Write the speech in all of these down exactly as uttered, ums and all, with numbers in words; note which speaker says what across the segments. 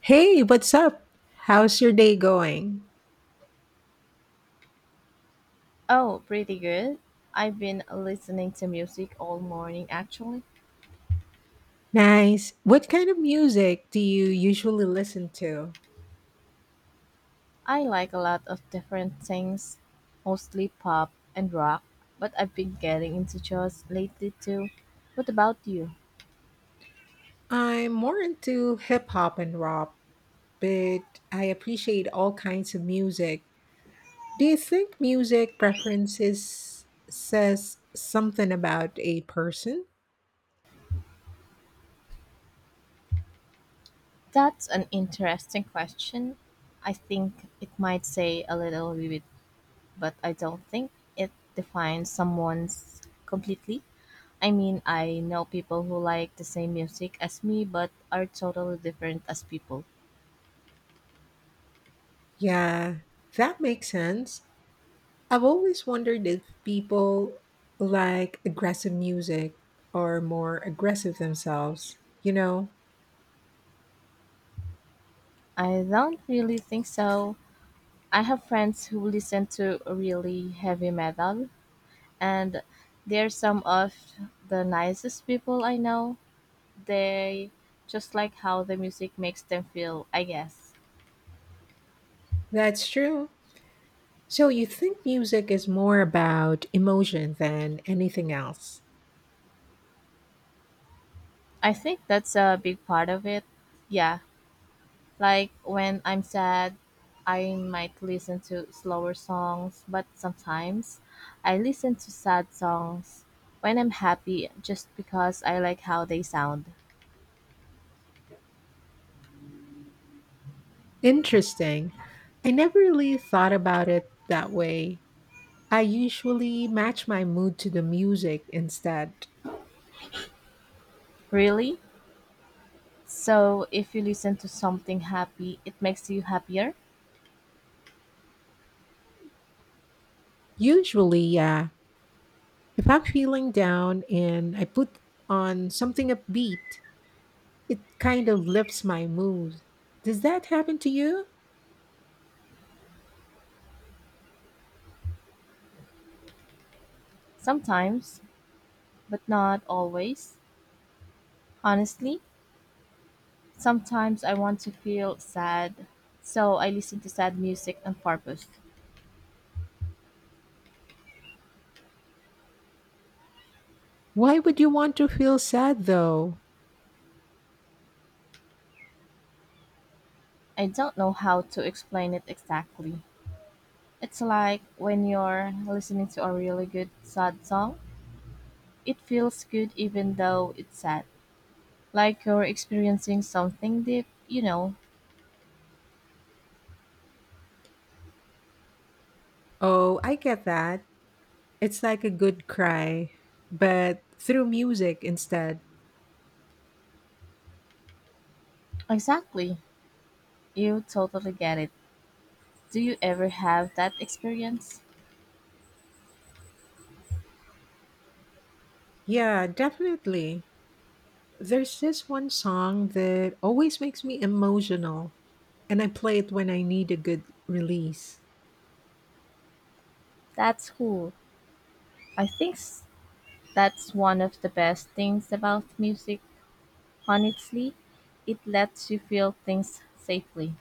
Speaker 1: Hey, what's up? How's your day going?
Speaker 2: Oh, pretty good. I've been listening to music all morning actually.
Speaker 1: Nice. What kind of music do you usually listen to?
Speaker 2: I like a lot of different things, mostly pop and rock, but I've been getting into jazz lately too. What about you?
Speaker 1: I'm more into hip hop and rap, but I appreciate all kinds of music. Do you think music preferences says something about a person?
Speaker 2: That's an interesting question. I think it might say a little bit, but I don't think it defines someone's completely. I mean, I know people who like the same music as me but are totally different as people.
Speaker 1: Yeah, that makes sense. I've always wondered if people like aggressive music or more aggressive themselves. You know,
Speaker 2: I don't really think so. I have friends who listen to really heavy metal, and they're some of the nicest people I know. They just like how the music makes them feel, I guess.
Speaker 1: that's true. So you think music is more about emotion than anything else?
Speaker 2: I think that's a big part of it. Yeah, like when I'm sad, I might listen to slower songs, but sometimes I listen to sad songs when I'm happy just because I like how they sound.
Speaker 1: Interesting. I never really thought about it that way. I usually match my mood to the music instead.
Speaker 2: Really? So, if you listen to something happy, it makes you happier?
Speaker 1: Usually, yeah. If I'm feeling down and I put on something upbeat, it kind of lifts my mood. Does that happen to you?
Speaker 2: Sometimes, but not always. Honestly, sometimes I want to feel sad, so I listen to sad music on purpose.
Speaker 1: Why would you want to feel sad though?
Speaker 2: I don't know how to explain it exactly. It's like when you're listening to a really good sad song, it feels good even though it's sad. Like you're experiencing something deep, you know.
Speaker 1: Oh, I get that. It's like a good cry, but through music instead.
Speaker 2: Exactly. You totally get it. Do you ever have that experience?
Speaker 1: Yeah, definitely. There's this one song that always makes me emotional, and I play it when I need a good release.
Speaker 2: That's cool. I think s- that's one of the best things about music, honestly. It lets you feel things safely.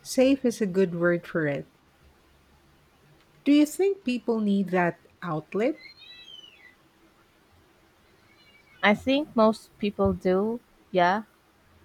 Speaker 1: Safe is a good word for it. Do you think people need that outlet?
Speaker 2: I think most people do, yeah.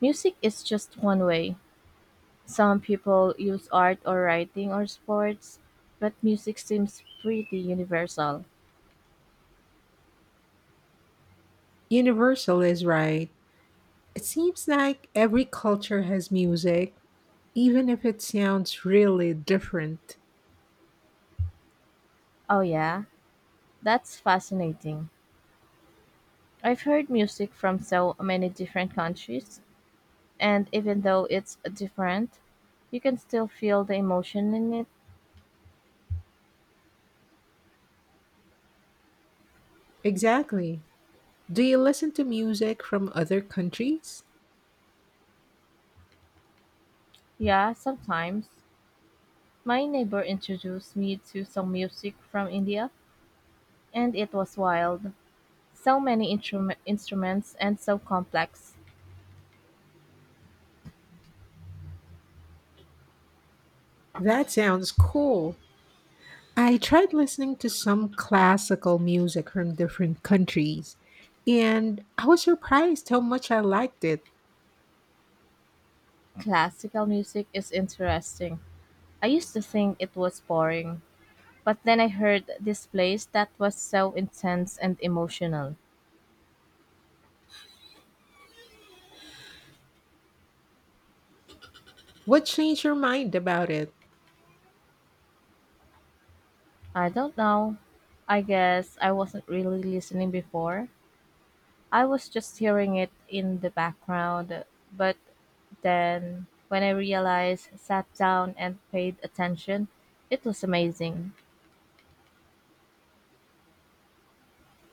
Speaker 2: Music is just one way. Some people use art or writing or sports, but music seems pretty universal.
Speaker 1: Universal is right. It seems like every culture has music, even if it sounds really different.
Speaker 2: Oh, yeah, that's fascinating. I've heard music from so many different countries, and even though it's different, you can still feel the emotion in it.
Speaker 1: Exactly. Do you listen to music from other countries?
Speaker 2: Yeah, sometimes. My neighbor introduced me to some music from India, and it was wild. So many intrum- instruments and so complex.
Speaker 1: That sounds cool. I tried listening to some classical music from different countries, and I was surprised how much I liked it.
Speaker 2: Classical music is interesting. I used to think it was boring, but then I heard this place that was so intense and emotional.
Speaker 1: What changed your mind about it?
Speaker 2: I don't know. I guess I wasn't really listening before. I was just hearing it in the background, but then, when I realized, sat down and paid attention, it was amazing.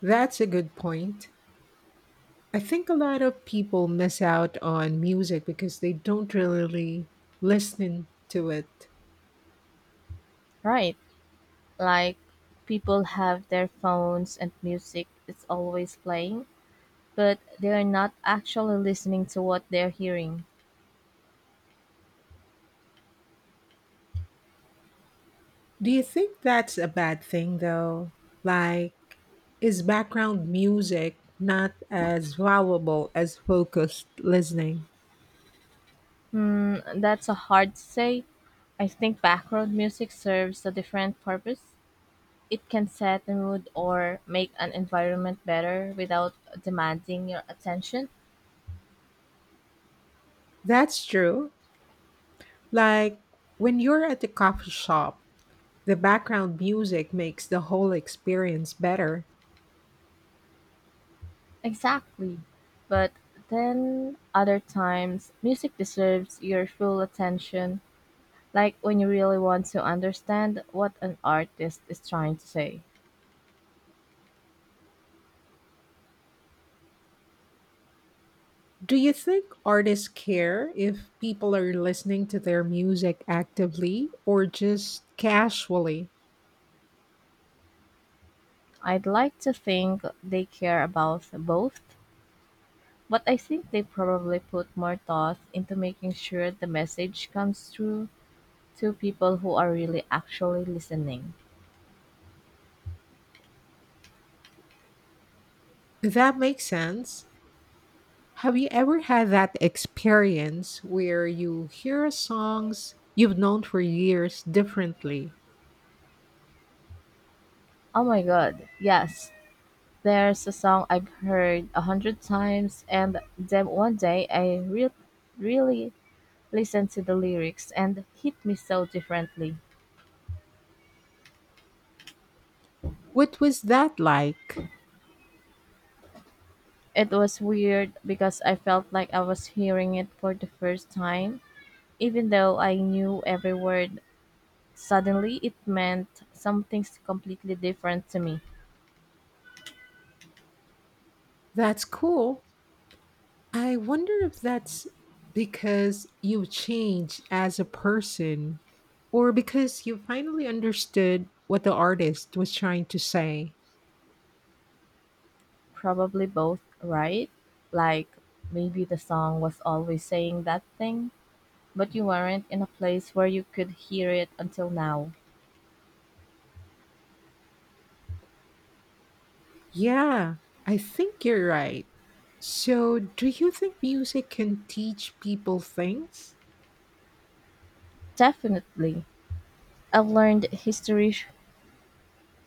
Speaker 1: That's a good point. I think a lot of people miss out on music because they don't really listen to it.
Speaker 2: Right? Like, people have their phones and music is always playing, but they're not actually listening to what they're hearing.
Speaker 1: Do you think that's a bad thing though? Like, is background music not as valuable as focused listening?
Speaker 2: Hmm, that's a hard to say. I think background music serves a different purpose. It can set the mood or make an environment better without demanding your attention.
Speaker 1: That's true. Like, when you're at the coffee shop, the background music makes the whole experience better.
Speaker 2: Exactly. But then other times, music deserves your full attention, like when you really want to understand what an artist is trying to say.
Speaker 1: Do you think artists care if people are listening to their music actively or just casually?
Speaker 2: I'd like to think they care about both, but I think they probably put more thought into making sure the message comes through to people who are really actually listening.
Speaker 1: That makes sense. Have you ever had that experience where you hear songs you've known for years differently?
Speaker 2: Oh my god, yes, there's a song I've heard a hundred times, and then one day I re- really listened to the lyrics and hit me so differently.
Speaker 1: What was that like?
Speaker 2: It was weird because I felt like I was hearing it for the first time. Even though I knew every word, suddenly it meant something completely different to me.
Speaker 1: That's cool. I wonder if that's because you've changed as a person or because you finally understood what the artist was trying to say.
Speaker 2: Probably both, right? Like maybe the song was always saying that thing, but you weren't in a place where you could hear it until now.
Speaker 1: Yeah, I think you're right. So, do you think music can teach people things?
Speaker 2: Definitely. I've learned history sh-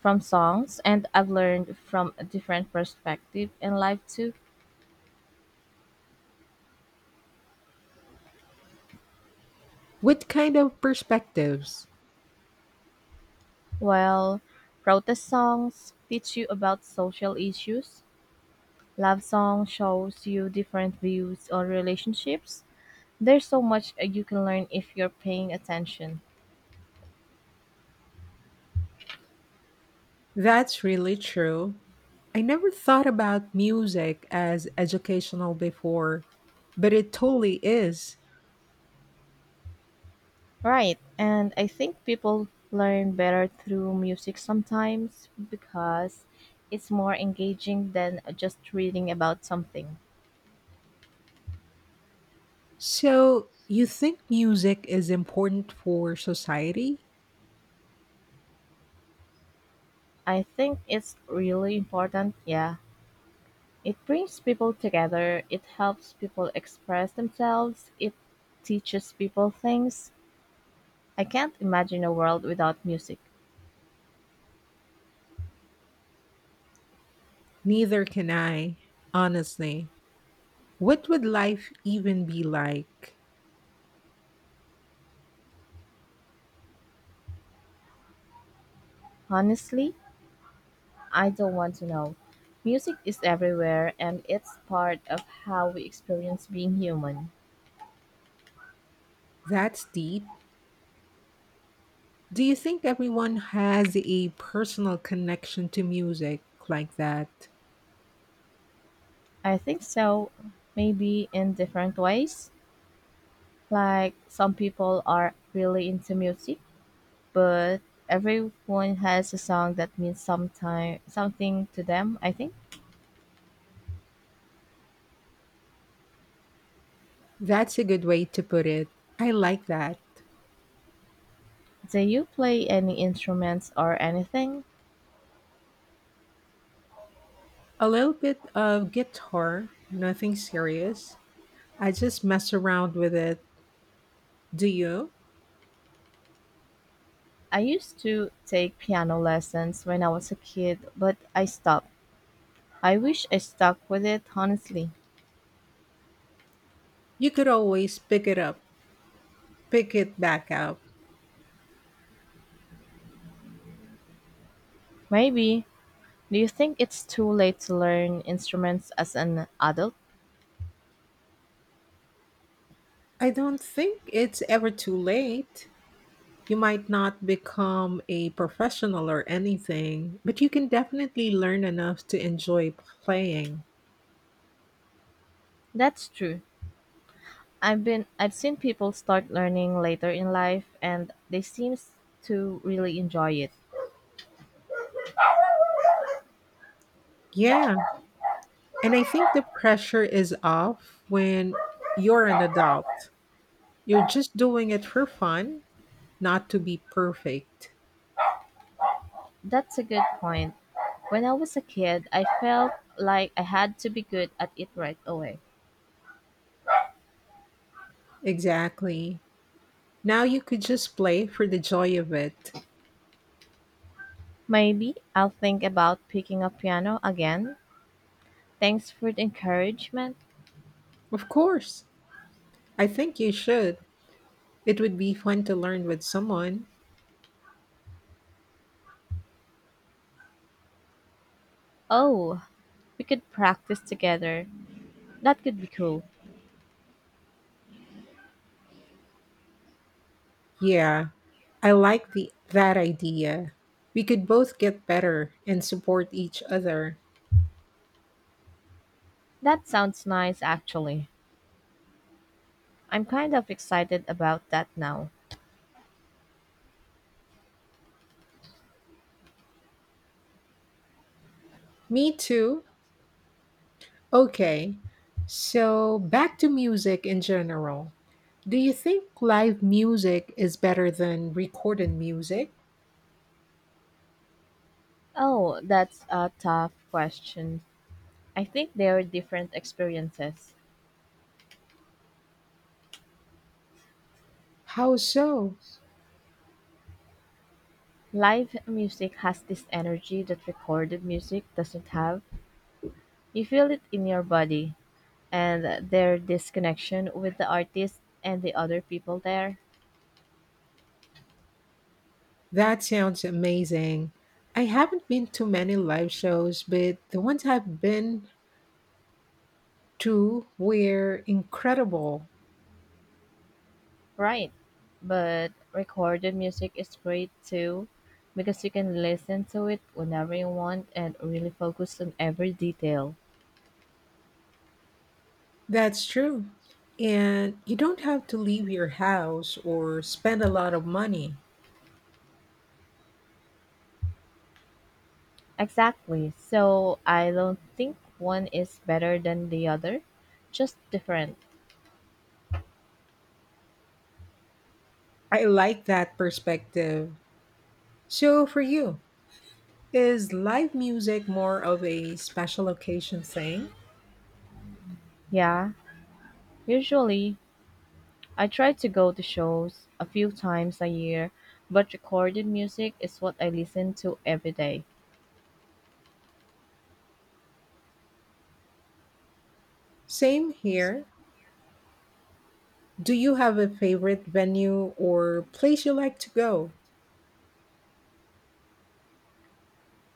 Speaker 2: from songs and I've learned from a different perspective in life too.
Speaker 1: What kind of perspectives?
Speaker 2: While protest songs teach you about social issues, love song shows you different views on relationships. There's so much uh, you can learn if you're paying attention.
Speaker 1: That's really true. I never thought about music as educational before, but it totally is.
Speaker 2: Right. And I think people learn better through music sometimes because it's more engaging than just reading about something.
Speaker 1: So, you think music is important for society?
Speaker 2: I think it's really important, yeah. It brings people together, it helps people express themselves, it teaches people things. I can't imagine a world without music.
Speaker 1: Neither can I, honestly. What would life even be like?
Speaker 2: Honestly, I don't want to know. Music is everywhere and it's part of how we experience being human.
Speaker 1: That's deep. Do you think everyone has a personal connection to music like that?
Speaker 2: I think so, maybe in different ways. Like some people are really into music but everyone has a song that means sometime something to them, I think.
Speaker 1: That's a good way to put it. I like that.
Speaker 2: Do you play any instruments or anything?
Speaker 1: A little bit of guitar, nothing serious. I just mess around with it. Do you?
Speaker 2: I used to take piano lessons when I was a kid, but I stopped. I wish I stuck with it, honestly.
Speaker 1: You could always pick it up, pick it back up.
Speaker 2: Maybe. Do you think it's too late to learn instruments as an adult?
Speaker 1: I don't think it's ever too late. You might not become a professional or anything, but you can definitely learn enough to enjoy playing.
Speaker 2: That's true. I've been I've seen people start learning later in life and they seem to really enjoy it.
Speaker 1: Yeah, and I think the pressure is off when you're an adult. You're just doing it for fun, not to be perfect.
Speaker 2: That's a good point. When I was a kid, I felt like I had to be good at it right away.
Speaker 1: Exactly. Now you could just play for the joy of it.
Speaker 2: Maybe I'll think about picking up piano again. Thanks for the encouragement.
Speaker 1: Of course. I think you should. It would be fun to learn with someone.
Speaker 2: Oh, we could practice together. That could be cool.
Speaker 1: Yeah, I like the that idea. We could both get better and support each other.
Speaker 2: That sounds nice, actually. I'm kind of excited about that now.
Speaker 1: Me too. Okay, so back to music in general. Do you think live music is better than recorded music?
Speaker 2: Oh, that's a tough question. I think they are different experiences.
Speaker 1: How so?
Speaker 2: Live music has this energy that recorded music doesn't have. You feel it in your body, and their disconnection with the artist and the other people there.
Speaker 1: That sounds amazing. I haven't been to many live shows, but the ones I've been to were incredible.
Speaker 2: Right. But recorded music is great too because you can listen to it whenever you want and really focus on every detail.
Speaker 1: That's true. And you don't have to leave your house or spend a lot of money.
Speaker 2: Exactly. So I don't think one is better than the other, just different.
Speaker 1: I like that perspective. So, for you, is live music more of a special occasion thing?
Speaker 2: Yeah, usually I try to go to shows a few times a year, but recorded music is what I listen to every day.
Speaker 1: Same here. Do you have a favorite venue or place you like to go?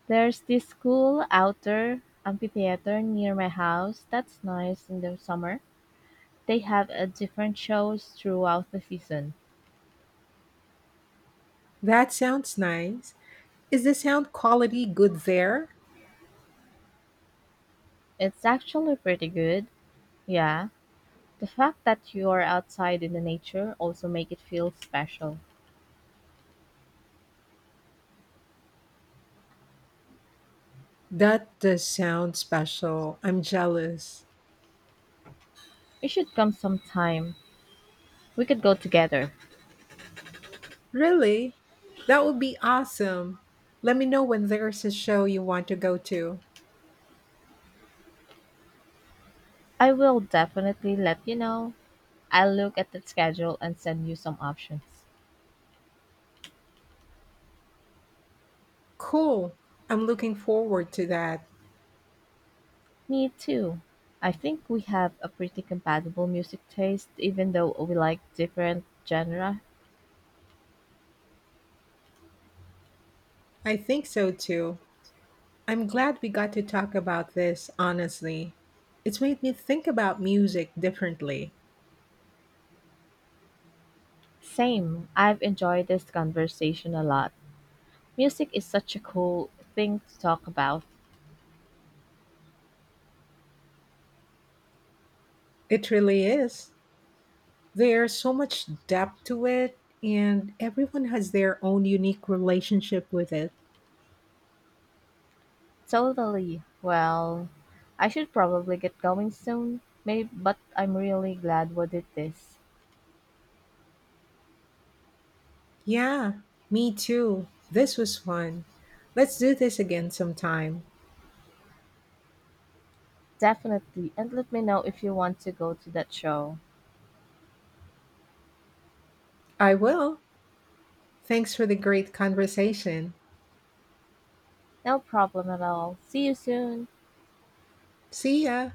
Speaker 2: There's this cool outdoor amphitheater near my house that's nice in the summer. They have a different shows throughout the season.
Speaker 1: That sounds nice. Is the sound quality good there?
Speaker 2: It's actually pretty good. Yeah. The fact that you're outside in the nature also make it feel special.
Speaker 1: That does sound special. I'm jealous.
Speaker 2: You should come sometime. We could go together.
Speaker 1: Really? That would be awesome. Let me know when there's a show you want to go to.
Speaker 2: I will definitely let you know. I'll look at the schedule and send you some options.
Speaker 1: Cool. I'm looking forward to that.
Speaker 2: Me too. I think we have a pretty compatible music taste, even though we like different genre.
Speaker 1: I think so too. I'm glad we got to talk about this honestly. It's made me think about music differently.
Speaker 2: Same. I've enjoyed this conversation a lot. Music is such a cool thing to talk about.
Speaker 1: It really is. There's so much depth to it, and everyone has their own unique relationship with it.
Speaker 2: Totally. Well, I should probably get going soon, maybe, but I'm really glad we did this.
Speaker 1: Yeah, me too. This was fun. Let's do this again sometime.
Speaker 2: Definitely. And let me know if you want to go to that show.
Speaker 1: I will. Thanks for the great conversation.
Speaker 2: No problem at all. See you soon.
Speaker 1: See ya.